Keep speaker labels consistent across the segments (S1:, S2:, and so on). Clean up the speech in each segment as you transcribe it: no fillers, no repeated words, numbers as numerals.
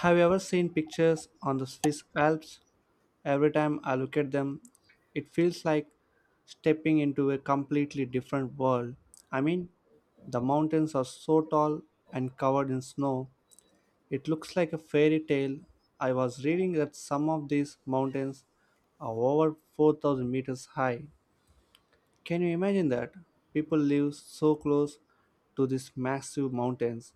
S1: Have you ever seen pictures on the Swiss Alps? Every time I look at them, it feels like stepping into a completely different world. I mean, the mountains are so tall and covered in snow. It looks like a fairy tale. I was reading that some of these mountains are over 4000 meters high. Can you imagine that? People live so close to these massive mountains,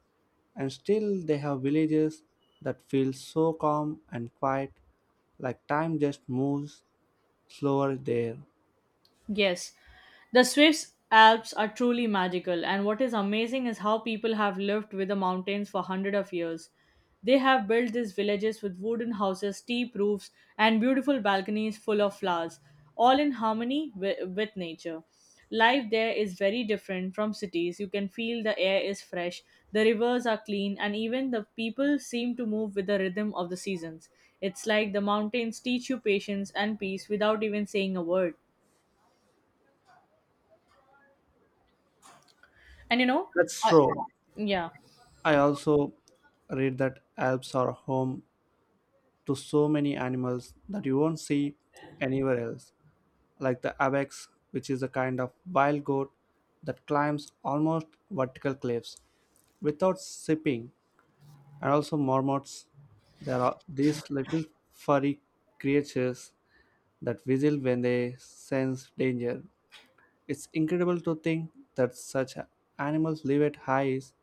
S1: and still they have villages that feel so calm and quiet, like time just moves slower there.
S2: Yes, the Swiss Alps are truly magical, and what is amazing is how people have lived with the mountains for hundreds of years. They have built these villages with wooden houses, steep roofs, and beautiful balconies full of flowers, all in harmony with nature. Life there is very different from cities. You can feel the air is fresh, the rivers are clean, and even the people seem to move with the rhythm of the seasons. It's like the mountains teach you patience and peace without even saying a word. And
S1: That's
S2: I,
S1: true.
S2: yeah,
S1: I also read that Alps are home to so many animals that you won't see anywhere else, like the ibex, which is a kind of wild goat that climbs almost vertical cliffs without sipping and also marmots. There are these little furry creatures that whistle when they sense danger. It's incredible to think that such animals live at heights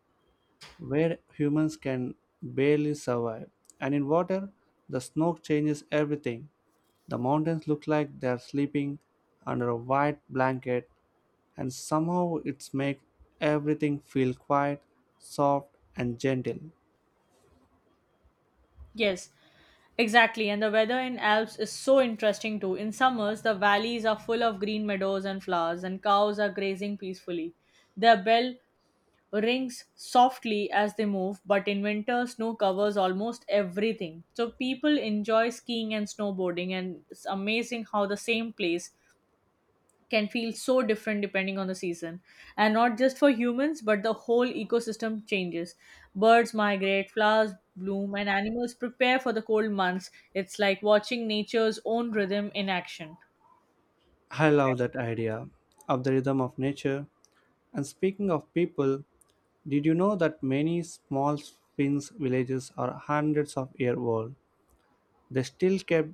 S1: where humans can barely survive. And in water, the snow changes everything. The mountains look like they are sleeping under a white blanket, and somehow it's make everything feel quiet, soft, and gentle.
S2: yes, exactly. And the weather in Alps is so interesting too. In summers, the valleys are full of green meadows and flowers, and cows are grazing peacefully. Their bell rings softly as they move, but in winter, snow covers almost everything. So people enjoy skiing and snowboarding, and it's amazing how the same place can feel so different depending on the season. And not just for humans, but the whole ecosystem changes. Birds migrate, flowers bloom, and animals prepare for the cold months. It's like watching nature's own rhythm in action.
S1: I love that idea of the rhythm of nature. And speaking of people, did you know that many small Finns villages are hundreds of years old? They still kept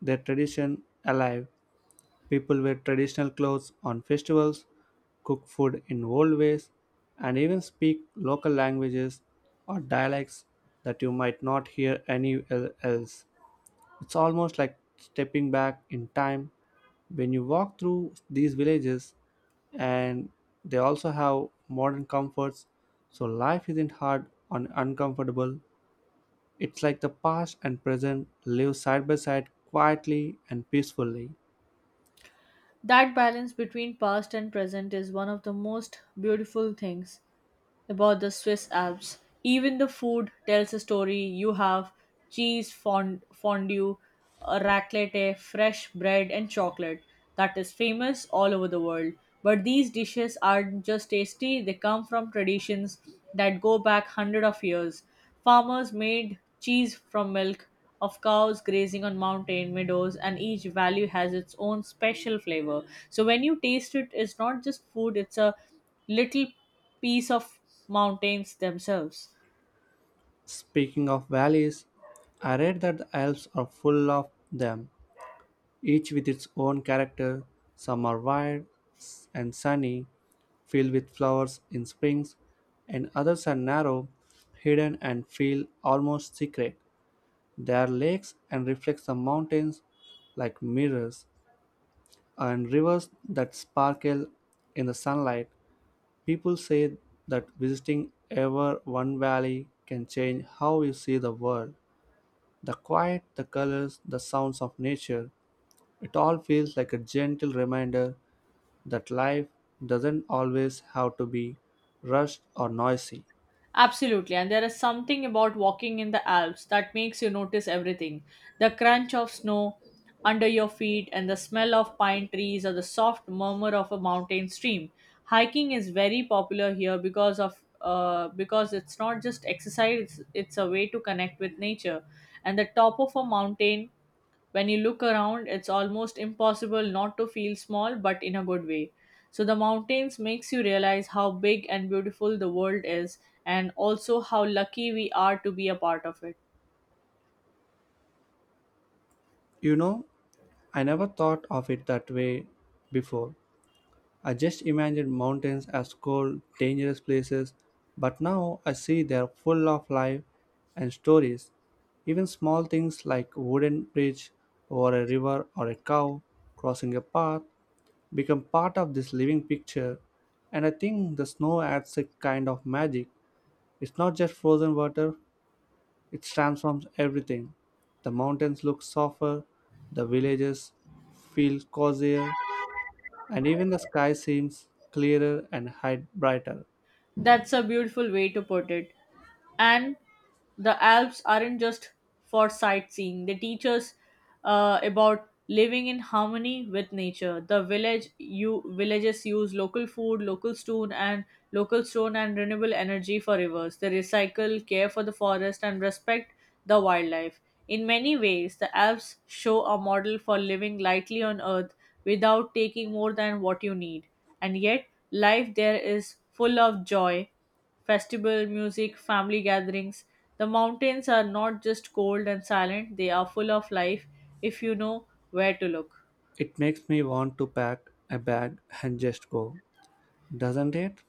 S1: their tradition alive. People wear traditional clothes on festivals, cook food in old ways, and even speak local languages or dialects that you might not hear anywhere else. It's almost like stepping back in time when you walk through these villages, and they also have modern comforts, so life isn't hard and uncomfortable. It's like the past and present live side by side quietly and peacefully.
S2: That balance between past and present is one of the most beautiful things about the Swiss Alps. Even the food tells a story. You have cheese fondue, raclette, fresh bread, and chocolate that is famous all over the world. But these dishes aren't just tasty, they come from traditions that go back hundreds of years. Farmers made cheese from milk of cows grazing on mountain meadows, and each valley has its own special flavor. So when you taste it, it's not just food, it's a little piece of mountains themselves.
S1: Speaking of valleys, I read that the Alps are full of them each with its own character. Some are wide and sunny, filled with flowers in springs, and others are narrow, hidden, and feel almost secret. They are lakes and reflect the mountains like mirrors, and rivers that sparkle in the sunlight. People say that visiting ever one valley can change how you see the world. The quiet, the colors, the sounds of nature, it all feels like a gentle reminder that life doesn't always have to be rushed or noisy.
S2: Absolutely, and there is something about walking in the Alps that makes you notice everything: the crunch of snow under your feet, and the smell of pine trees, or the soft murmur of a mountain stream. Hiking is very popular here because it's not just exercise; it's a way to connect with nature. And the top of a mountain, when you look around, it's almost impossible not to feel small, but in a good way. So the mountains makes you realize how big and beautiful the world is, and also how lucky we are to be a part of it.
S1: You know, I never thought of it that way before. I just imagined mountains as cold, dangerous places, but now I see they're full of life and stories. Even small things like wooden bridge over a river or a cow crossing a path become part of this living picture. And I think the snow adds a kind of magic. It's not just frozen water. It transforms everything. The mountains look softer, the villages feel cozier, and even the sky seems clearer and brighter.
S2: That's a beautiful way to put it. And the Alps aren't just for sightseeing, they teach us about living in harmony with nature. The village you villages use local food, local stone and renewable energy for rivers. They recycle, care for the forest, and respect the wildlife. In many ways, the Alps show a model for living lightly on earth without taking more than what you need. And yet, life there is full of joy: festival, music, family gatherings. The mountains are not just cold and silent, they are full of life if you know where to look.
S1: It makes me want to pack a bag and just go, doesn't it?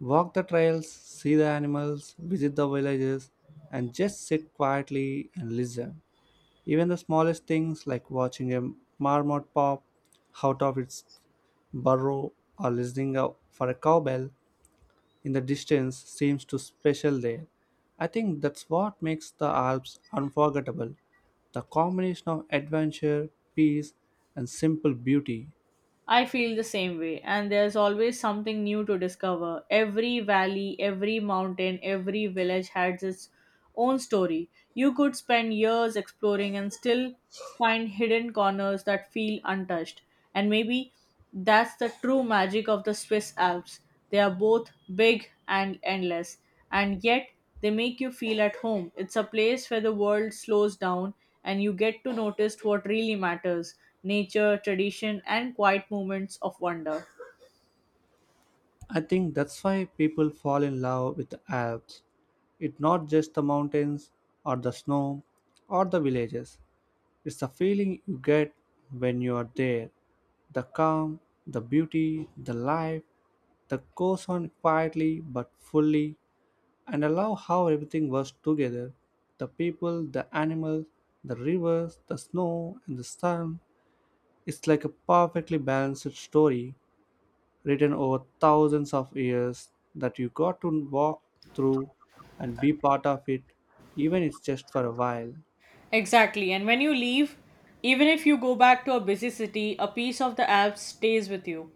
S1: Walk the trails, see the animals, visit the villages, and just sit quietly and listen. Even the smallest things like watching a marmot pop out of its burrow or listening out for a cowbell in the distance seems too special there. I think that's what makes the Alps unforgettable the combination of adventure, peace, and simple beauty.
S2: I feel the same way, and there's always something new to discover. Every valley, every mountain, every village has its own story. You could spend years exploring and still find hidden corners that feel untouched. And maybe that's the true magic of the Swiss Alps. They are both big and endless, and yet they make you feel at home. It's a place where the world slows down and you get to notice what really matters: nature, tradition, and quiet moments of wonder.
S1: I think that's why people fall in love with the Alps. It's not just the mountains or the snow or the villages, it's the feeling you get when you are there the calm, the beauty, the life that goes on quietly but fully. And I love how everything was together the people, the animals, the rivers, the snow, and the sun. It's like a perfectly balanced story written over thousands of years that you got to walk through and be part of it, even if it's just for a while.
S2: Exactly, and when you leave, even if you go back to a busy city, a piece of the Alps stays with you.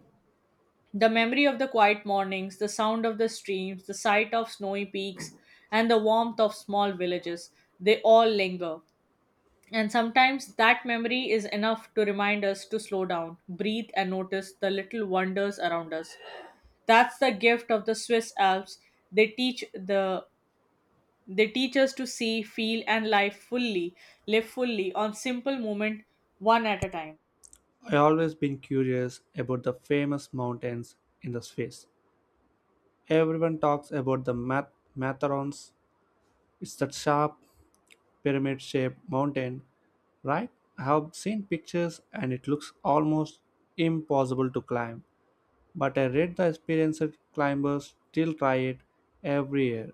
S2: The memory of the quiet mornings, the sound of the streams, the sight of snowy peaks, and the warmth of small villages, they all linger. And sometimes that memory is enough to remind us to slow down, breathe, and notice the little wonders around us. That's the gift of the Swiss Alps. They teach the they teach us to see, feel, and live fully on simple moment, one at a time.
S1: I always been curious about the famous mountains in the space. Everyone talks about the Matterhorns. It's that sharp pyramid shaped mountain, right? I have seen pictures and it looks almost impossible to climb, but I read the experienced climbers still try it every year.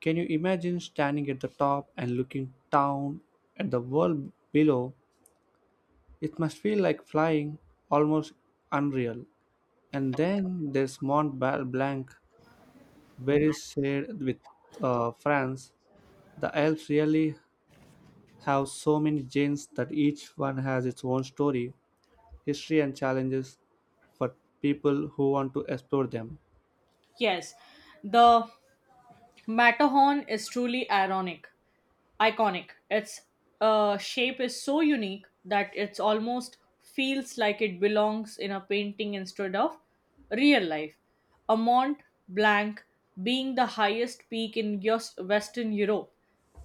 S1: Can you imagine standing at the top and looking down at the world below? It must feel like flying, almost unreal. And then there's Mont Blanc, very shared with France. The Alps really have so many genes that each one has its own story, history, and challenges for people who want to explore them.
S2: Yes, the Matterhorn is truly iconic. Its shape is so unique that it's almost feels like it belongs in a painting instead of real life. A Mont Blanc, being the highest peak in Western Europe,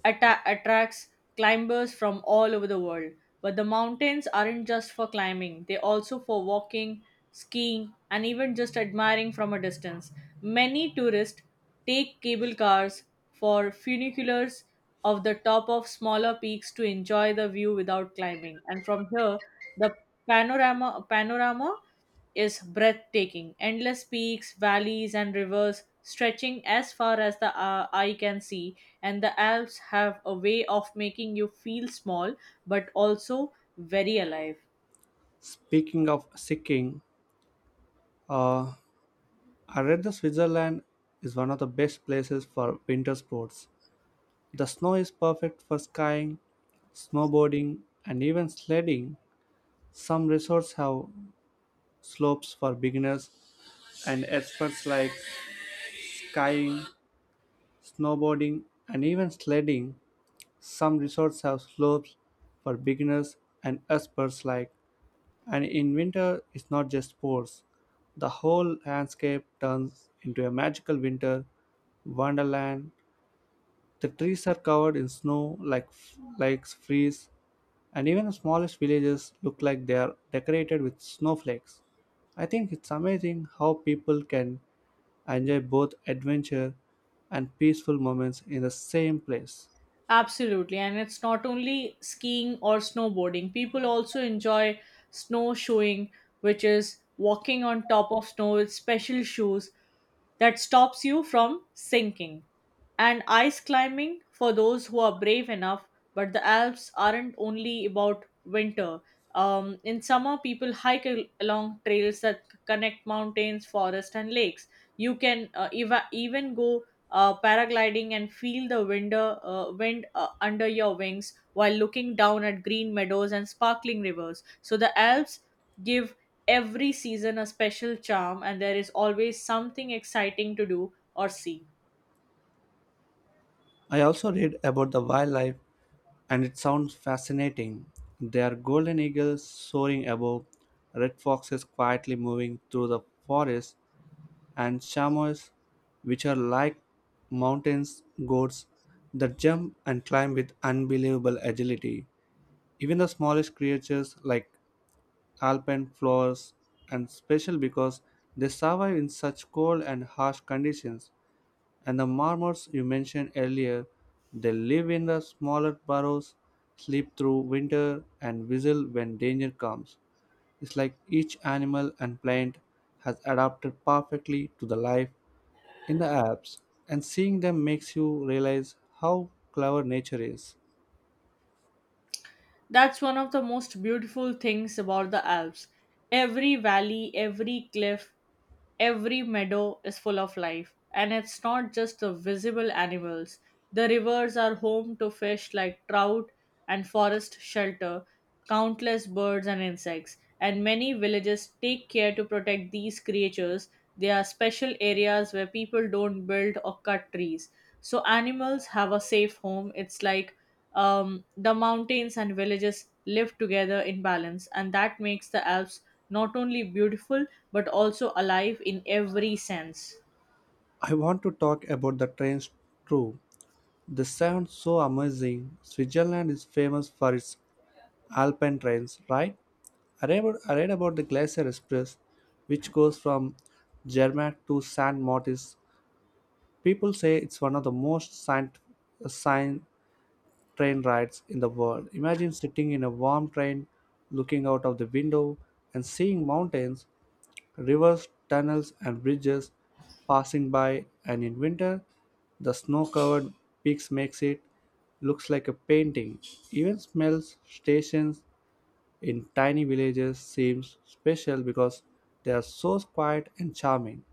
S2: attracts climbers from all over the world. But the mountains aren't just for climbing, they also for walking, skiing, and even just admiring from a distance. Many tourists take cable cars for funiculars of the top of smaller peaks to enjoy the view without climbing. And from here, the panorama is breathtaking. Endless peaks, valleys, and rivers stretching as far as the eye can see, and the Alps have a way of making you feel small but also very alive.
S1: Speaking of skiing, uh, I read that Switzerland is one of the best places for winter sports. The snow is perfect for skiing, snowboarding, and even sledding. Some resorts have slopes for beginners and experts like skiing, snowboarding, and even sledding. Some resorts have slopes for beginners and experts alike, and in winter it's not just sports. The whole landscape turns into a magical winter wonderland. The trees are covered in snow like lakes freeze, and even the smallest villages look like they are decorated with snowflakes. I think it's amazing how people can enjoy both adventure and peaceful moments in the same place.
S2: Absolutely, and it's not only skiing or snowboarding, people also enjoy snowshoeing, which is walking on top of snow with special shoes that stops you from sinking. And ice climbing for those who are brave enough, but the Alps aren't only about winter. In summer, people hike along trails that connect mountains, forests, and lakes. You can even go paragliding and feel the wind under your wings while looking down at green meadows and sparkling rivers. So the Alps give every season a special charm, and there is always something exciting to do or see.
S1: I also read about the wildlife. And it sounds fascinating. They are golden eagles soaring above, red foxes quietly moving through the forest, and chamois, which are like mountains goats that jump and climb with unbelievable agility. Even the smallest creatures like alpine flowers and special because they survive in such cold and harsh conditions. And the marmots you mentioned earlier, they live in the smaller burrows, sleep through winter, and whistle when danger comes. It's like each animal and plant has adapted perfectly to the life in the Alps, and seeing them makes you realize how clever nature is.
S2: That's one of the most beautiful things about the Alps. Every valley, every cliff, every meadow is full of life. And it's not just the visible animals. The rivers are home to fish like trout and forest shelter, countless birds and insects. And many villages take care to protect these creatures. They are special areas where people don't build or cut trees. So animals have a safe home. It's like the mountains and villages live together in balance, and that makes the Alps not only beautiful but also alive in every sense.
S1: I want to talk about the trains too. They sound so amazing. Switzerland is famous for its alpine trains, right? I read about the Glacier Express, which goes from Zermatt to Saint Moritz. People say it's one of the most scient train rides in the world. Imagine sitting in a warm train, looking out of the window, and seeing mountains, rivers, tunnels, and bridges passing by. And in winter, the snow-covered peaks makes it looks like a painting. Even smells, stations, in tiny villages seems special because they are so quiet and charming.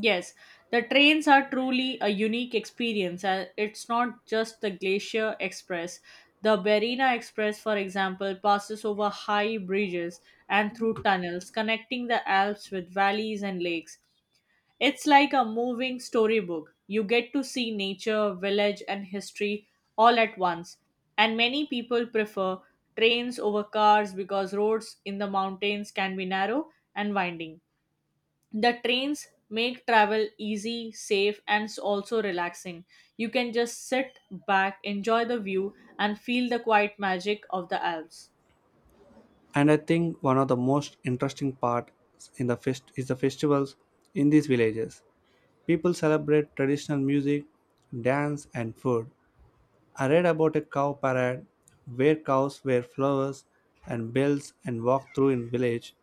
S2: Yes, the trains are truly a unique experience. And it's not just the Glacier Express. The Berina Express, for example, passes over high bridges and through tunnels, connecting the Alps with valleys and lakes. It's like a moving storybook. You get to see nature, village, and history all at once. And many people prefer trains over cars because roads in the mountains can be narrow and winding. The trains make travel easy, safe, and also relaxing. You can just sit back, enjoy the view, and feel the quiet magic of the Alps.
S1: And I think one of the most interesting parts in the fest is the festivals in these villages. People celebrate traditional music, dance, and food. I read about a cow parade where cows wear flowers and bells and walk through in village.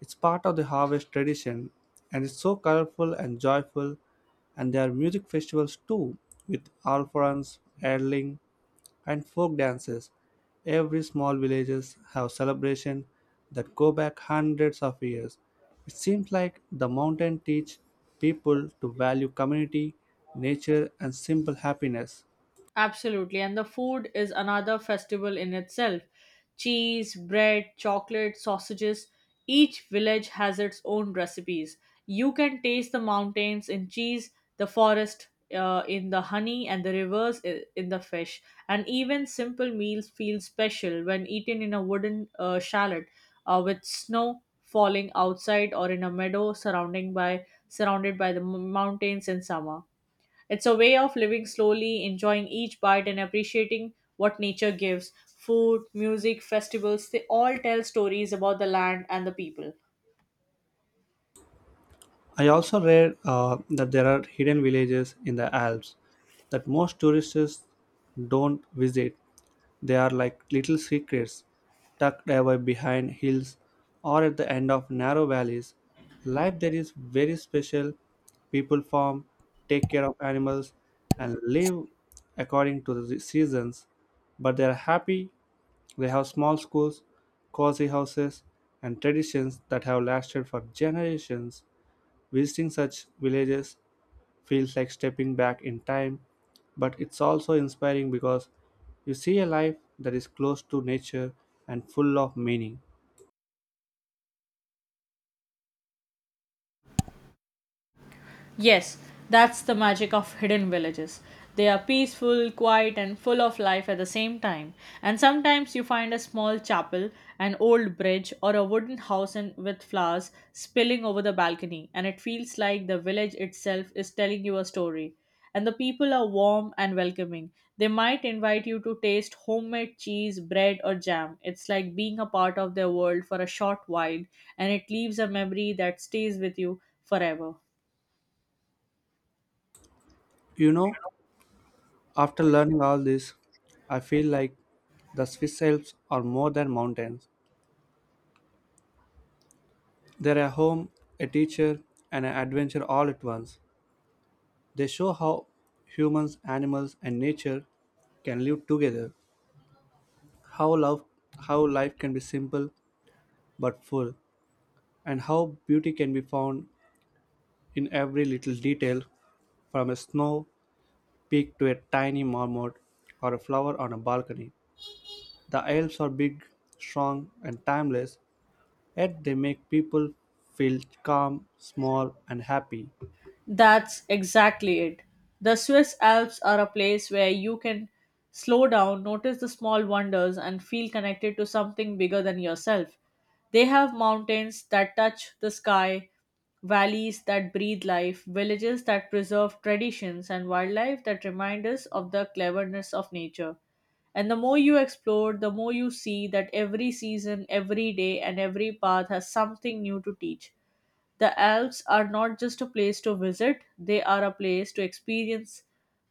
S1: It's part of the harvest tradition and it's so colorful and joyful and there are music festivals too with alphorns, Erling and folk dances. Every small villages have celebration that go back hundreds of years. It seems like the mountain teach people to value community, nature and simple happiness.
S2: Absolutely. And the food is another festival in itself. Cheese, bread, chocolate, sausages. Each village has its own recipes. You can taste the mountains in cheese, the forest in the honey, and the rivers in the fish. And even simple meals feel special when eaten in a wooden shallot with snow falling outside, or in a meadow surrounding by surrounded by the mountains in summer. It's a way of living slowly, enjoying each bite and appreciating what nature gives. Food, music, festivals, they all tell stories about the land and the people.
S1: I also read that there are hidden villages in the Alps that most tourists don't visit. They are like little secrets tucked away behind hills or at the end of narrow valleys. Life there is very special. People farm, take care of animals, and live according to the seasons. But they are happy. They have small schools, cozy houses, and traditions that have lasted for generations. Visiting such villages feels like stepping back in time, but it's also inspiring because you see a life that is close to nature and full of meaning.
S2: Yes, that's the magic of hidden villages. They are peaceful, quiet, and full of life at the same time. And sometimes you find a small chapel, an old bridge, or a wooden house with flowers spilling over the balcony, and it feels like the village itself is telling you a story. And the people are warm and welcoming. They might invite you to taste homemade cheese, bread, or jam. It's like being a part of their world for a short while, and it leaves a memory that stays with you forever.
S1: You know, after learning all this, I feel like the Swiss Alps are more than mountains. They're a home, a teacher, and an adventure all at once. They show how humans, animals, and nature can live together. How love, how life can be simple but full, and how beauty can be found in every little detail from a snow peak to a tiny marmot or a flower on a balcony. The elves are big, strong, and timeless, yet they make people feel calm, small, and happy.
S2: That's exactly it. The Swiss Alps are a place where you can slow down, notice the small wonders, and feel connected to something bigger than yourself. They have mountains that touch the sky, valleys that breathe life, villages that preserve traditions, and wildlife that remind us of the cleverness of nature. And the more you explore, the more you see that every season, every day, and every path has something new to teach. The Alps are not just a place to visit, they are a place to experience,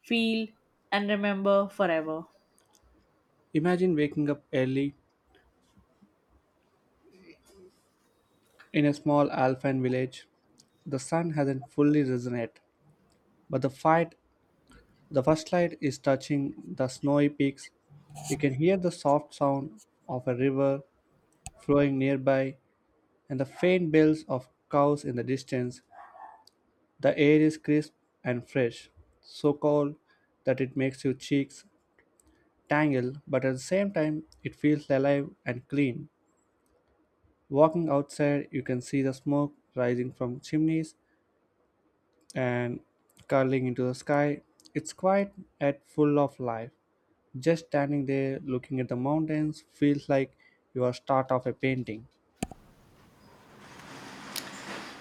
S2: feel, and remember forever.
S1: Imagine waking up early in a small alpine village. The sun hasn't fully risen yet, but the first light is touching the snowy peaks. You can hear the soft sound of a river flowing nearby, and the faint bells of cows in the distance. The air is crisp and fresh, so cold that it makes your cheeks tangle, but at the same time, it feels alive and clean. Walking outside, you can see the smoke rising from chimneys and curling into the sky. It's quiet yet full of life. Just standing there looking at the mountains feels like you are start of a painting.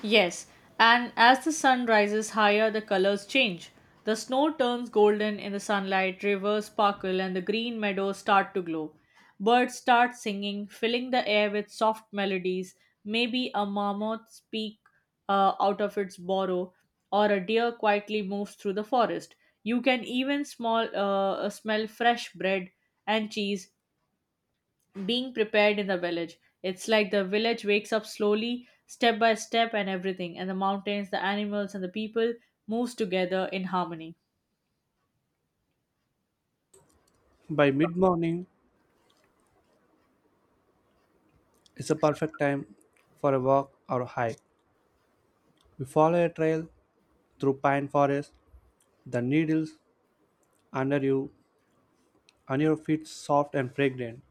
S2: Yes, and as the sun rises higher, the colors change. The snow turns golden in the sunlight, rivers sparkle, and the green meadows start to glow. Birds start singing, filling the air with soft melodies. Maybe a marmot speaks out of its burrow, or a deer quietly moves through the forest. You can even smell fresh bread and cheese being prepared in the village. It's like the village wakes up slowly, step by step, and everything, and the mountains, the animals, and the people moves together in harmony.
S1: By mid morning, it's a perfect time for a walk or a hike. You follow a trail through pine forest, the needles under you and your feet soft and fragrant.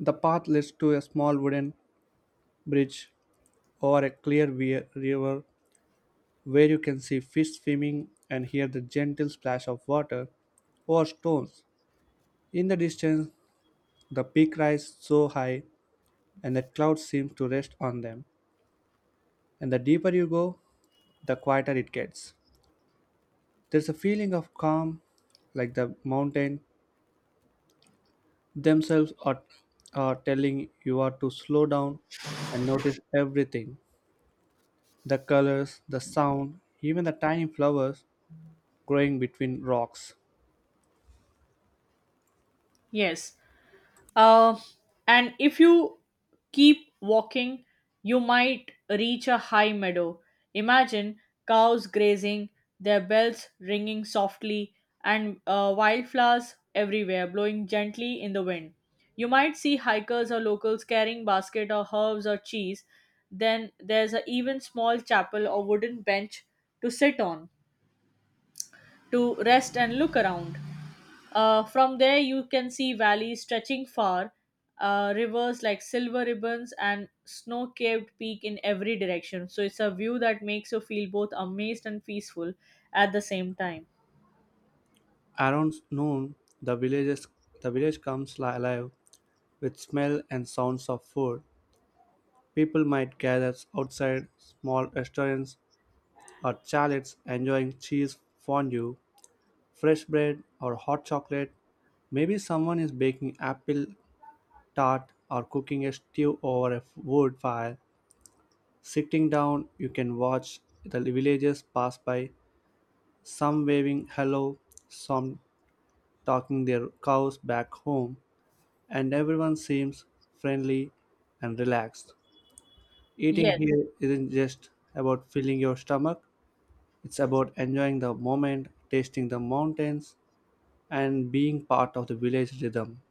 S1: The path leads to a small wooden bridge over a clear river where you can see fish swimming and hear the gentle splash of water over stones. In the distance, the peak rises so high and the clouds seem to rest on them. And the deeper you go, the quieter it gets. There's a feeling of calm, like the mountain themselves are telling you are to slow down and notice everything, the colors, the sound, even the tiny flowers growing between rocks.
S2: Yes, Uh, and if you keep walking, you might reach a high meadow. Imagine cows grazing, their bells ringing softly, and wildflowers everywhere blowing gently in the wind. You might see hikers or locals carrying basket or herbs or cheese. Then there's a even small chapel or wooden bench to sit on, to rest and look around. From there, you can see valleys stretching far, rivers like silver ribbons, and snow capped peak in every direction. So it's a view that makes you feel both amazed and peaceful at the same time.
S1: Around noon, the villages the village comes alive with smell and sounds of food. People might gather outside small restaurants or chalets enjoying cheese fondue, fresh bread or hot chocolate. Maybe someone is baking apple tart or cooking a stew over a wood fire. Sitting down, you can watch the villagers pass by, some waving hello, some talking their cows back home, and everyone seems friendly and relaxed. Eating
S2: Yes,
S1: here isn't just about filling your stomach, it's about enjoying the moment, tasting the mountains, and being part of the village rhythm.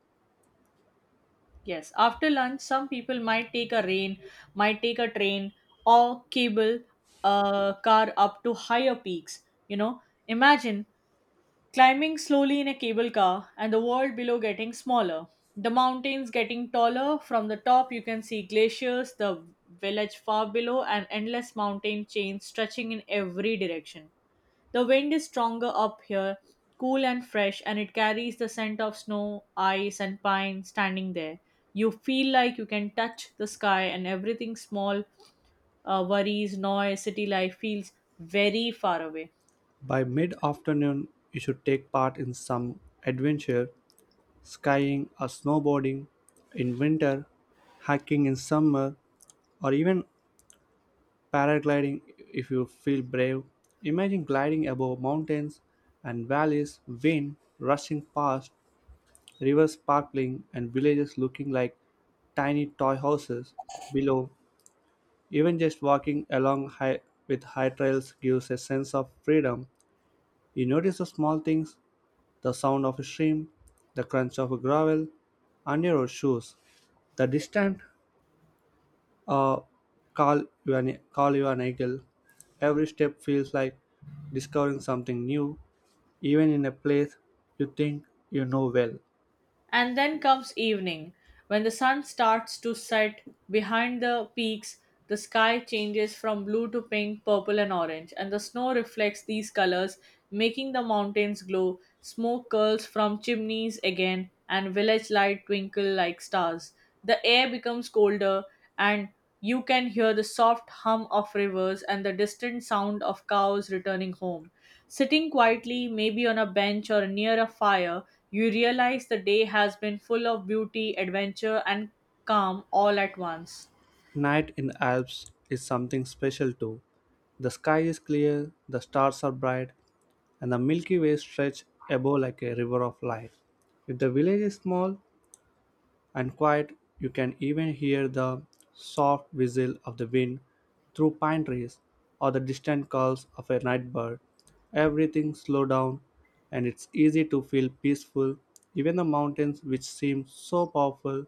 S2: yes. After lunch, some people might take a rain, might take a train, or cable a car up to higher peaks. You know, imagine climbing slowly in a cable car and the world below getting smaller, the mountains getting taller. From the top you can see glaciers, the village far below, and endless mountain chains stretching in every direction. The wind is stronger up here, cool and fresh, and it carries the scent of snow, ice, and pine. Standing there, you feel like you can touch the sky and everything small, worries, noise, city life, feels very far away.
S1: By mid afternoon, you should take part in some adventure, skiing or snowboarding in winter, hiking in summer, or even paragliding if you feel brave. Imagine gliding above mountains and valleys, wind rushing past, rivers sparkling, and villages looking like tiny toy houses below. Even just walking along high, with high trails gives a sense of freedom. You notice the small things, the sound of a stream, the crunch of gravel under your shoes, the distant uh, call you an eagle. Every step feels like discovering something new, even in a place you think you know well.
S2: And then comes evening. When the sun starts to set behind the peaks, the sky changes from blue to pink, purple, and orange, and the snow reflects these colors, making the mountains glow. Smoke curls from chimneys again, and village lights twinkle like stars. The air becomes colder and you can hear the soft hum of rivers and the distant sound of cows returning home. Sitting quietly, maybe on a bench or near a fire, you realize the day has been full of beauty, adventure, and calm all at once.
S1: Night in the Alps is something special too. The sky is clear, the stars are bright, and the Milky Way stretches above like a river of light. If the village is small and quiet, you can even hear the soft whistle of the wind through pine trees or the distant calls of a night bird. Everything slow down and it's easy to feel peaceful. Even the mountains which seem so powerful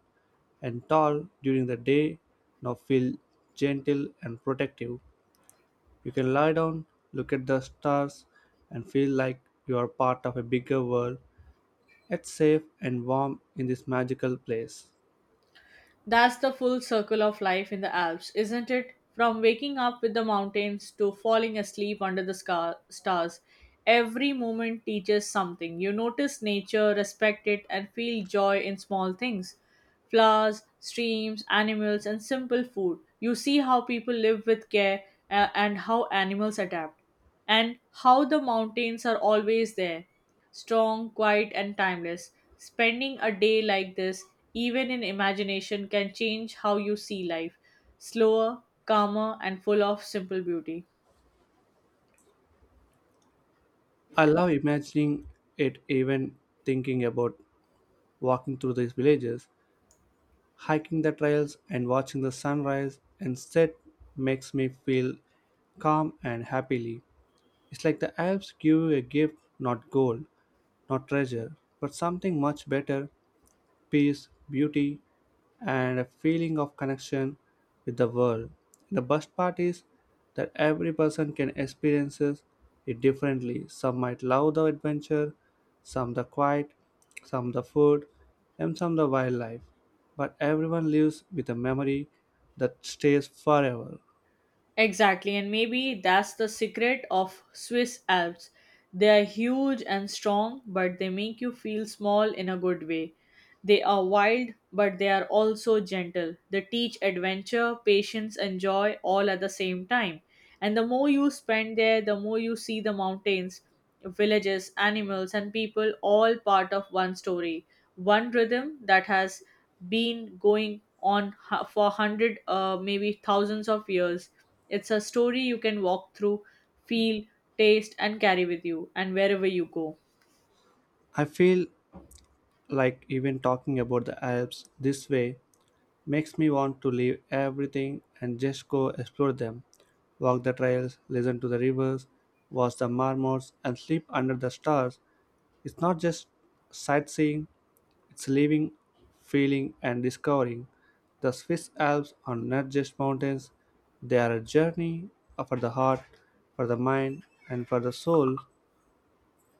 S1: and tall during the day now feel gentle and protective. You can lie down, look at the stars, and feel like you are part of a bigger world. It's safe and warm in this magical place.
S2: That's the full circle of life in the Alps, isn't it? From waking up with the mountains to falling asleep under the stars, every moment teaches something. You notice nature, respect it, and feel joy in small things: flowers, streams, animals, and simple food. You see how people live with care, and how animals adapt, and how the mountains are always there, strong, quiet, and timeless. Spending a day like this, even in imagination, can change how you see life: slower, calmer, and full of simple beauty.
S1: I love imagining it, even thinking about walking through these villages, hiking the trails, and watching the sunrise and set makes me feel calm and happily. It's like the Alps give you a gift, not gold, not treasure, but something much better, peace, beauty, and a feeling of connection with the world. The best part is that every person can experience it differently. Some might love the adventure, some the quiet, some the food, and some the wildlife. But everyone lives with a memory that stays forever.
S2: Exactly, and maybe that's the secret of Swiss Alps. They are huge and strong, but they make you feel small in a good way. They are wild, but they are also gentle. They teach adventure, patience, and joy all at the same time. And the more you spend there, the more you see the mountains, villages, animals, and people all part of one story, one rhythm that has been going on for hundred, maybe thousands of years. It's a story you can walk through, feel, taste, and carry with you, and wherever you go.
S1: I feel like even talking about the Alps this way makes me want to leave everything and just go explore them. Walk the trails, listen to the rivers, watch the marmots, and sleep under the stars. It's not just sightseeing, it's living, feeling, and discovering. The Swiss Alps are not just mountains, they are a journey for the heart, for the mind, and for the soul.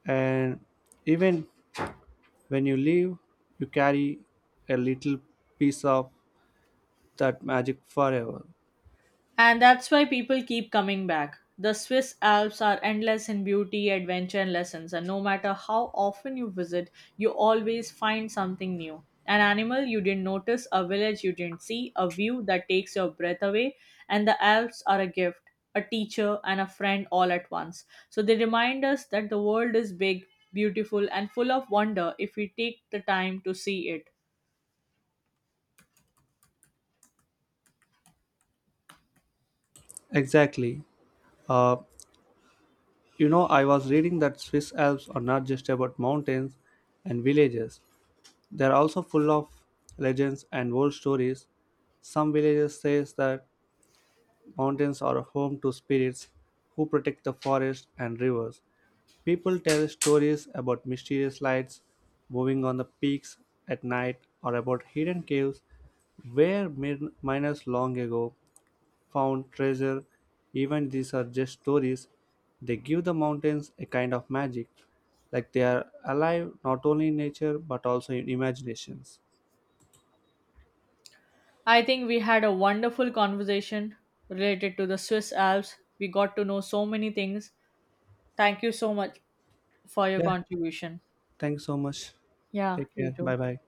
S1: And even when you leave, you carry a little piece of that magic forever.
S2: And that's why people keep coming back. The Swiss Alps are endless in beauty, adventure, and lessons, and no matter how often you visit, you always find something new. An animal you didn't notice, a village you didn't see, a view that takes your breath away. And the Alps are a gift, a teacher, and a friend all at once. So they remind us that the world is big, beautiful, and full of wonder if we take the time to see it.
S1: Exactly. Uh, you know, I was reading that Swiss Alps are not just about mountains and villages. They are also full of legends and old stories. Some villages says that mountains are home to spirits who protect the forest and rivers. People tell stories about mysterious lights moving on the peaks at night or about hidden caves where miners long ago found treasure. Even these are just stories. They give the mountains a kind of magic, like they are alive not only in nature but also in imaginations.
S2: I think we had a wonderful conversation related to the Swiss Alps. We got to know so many things. Thank you so much for your
S1: Yeah,
S2: contribution.
S1: thanks so much.
S2: Yeah,
S1: Take
S2: you
S1: care.
S2: too.
S1: Bye bye.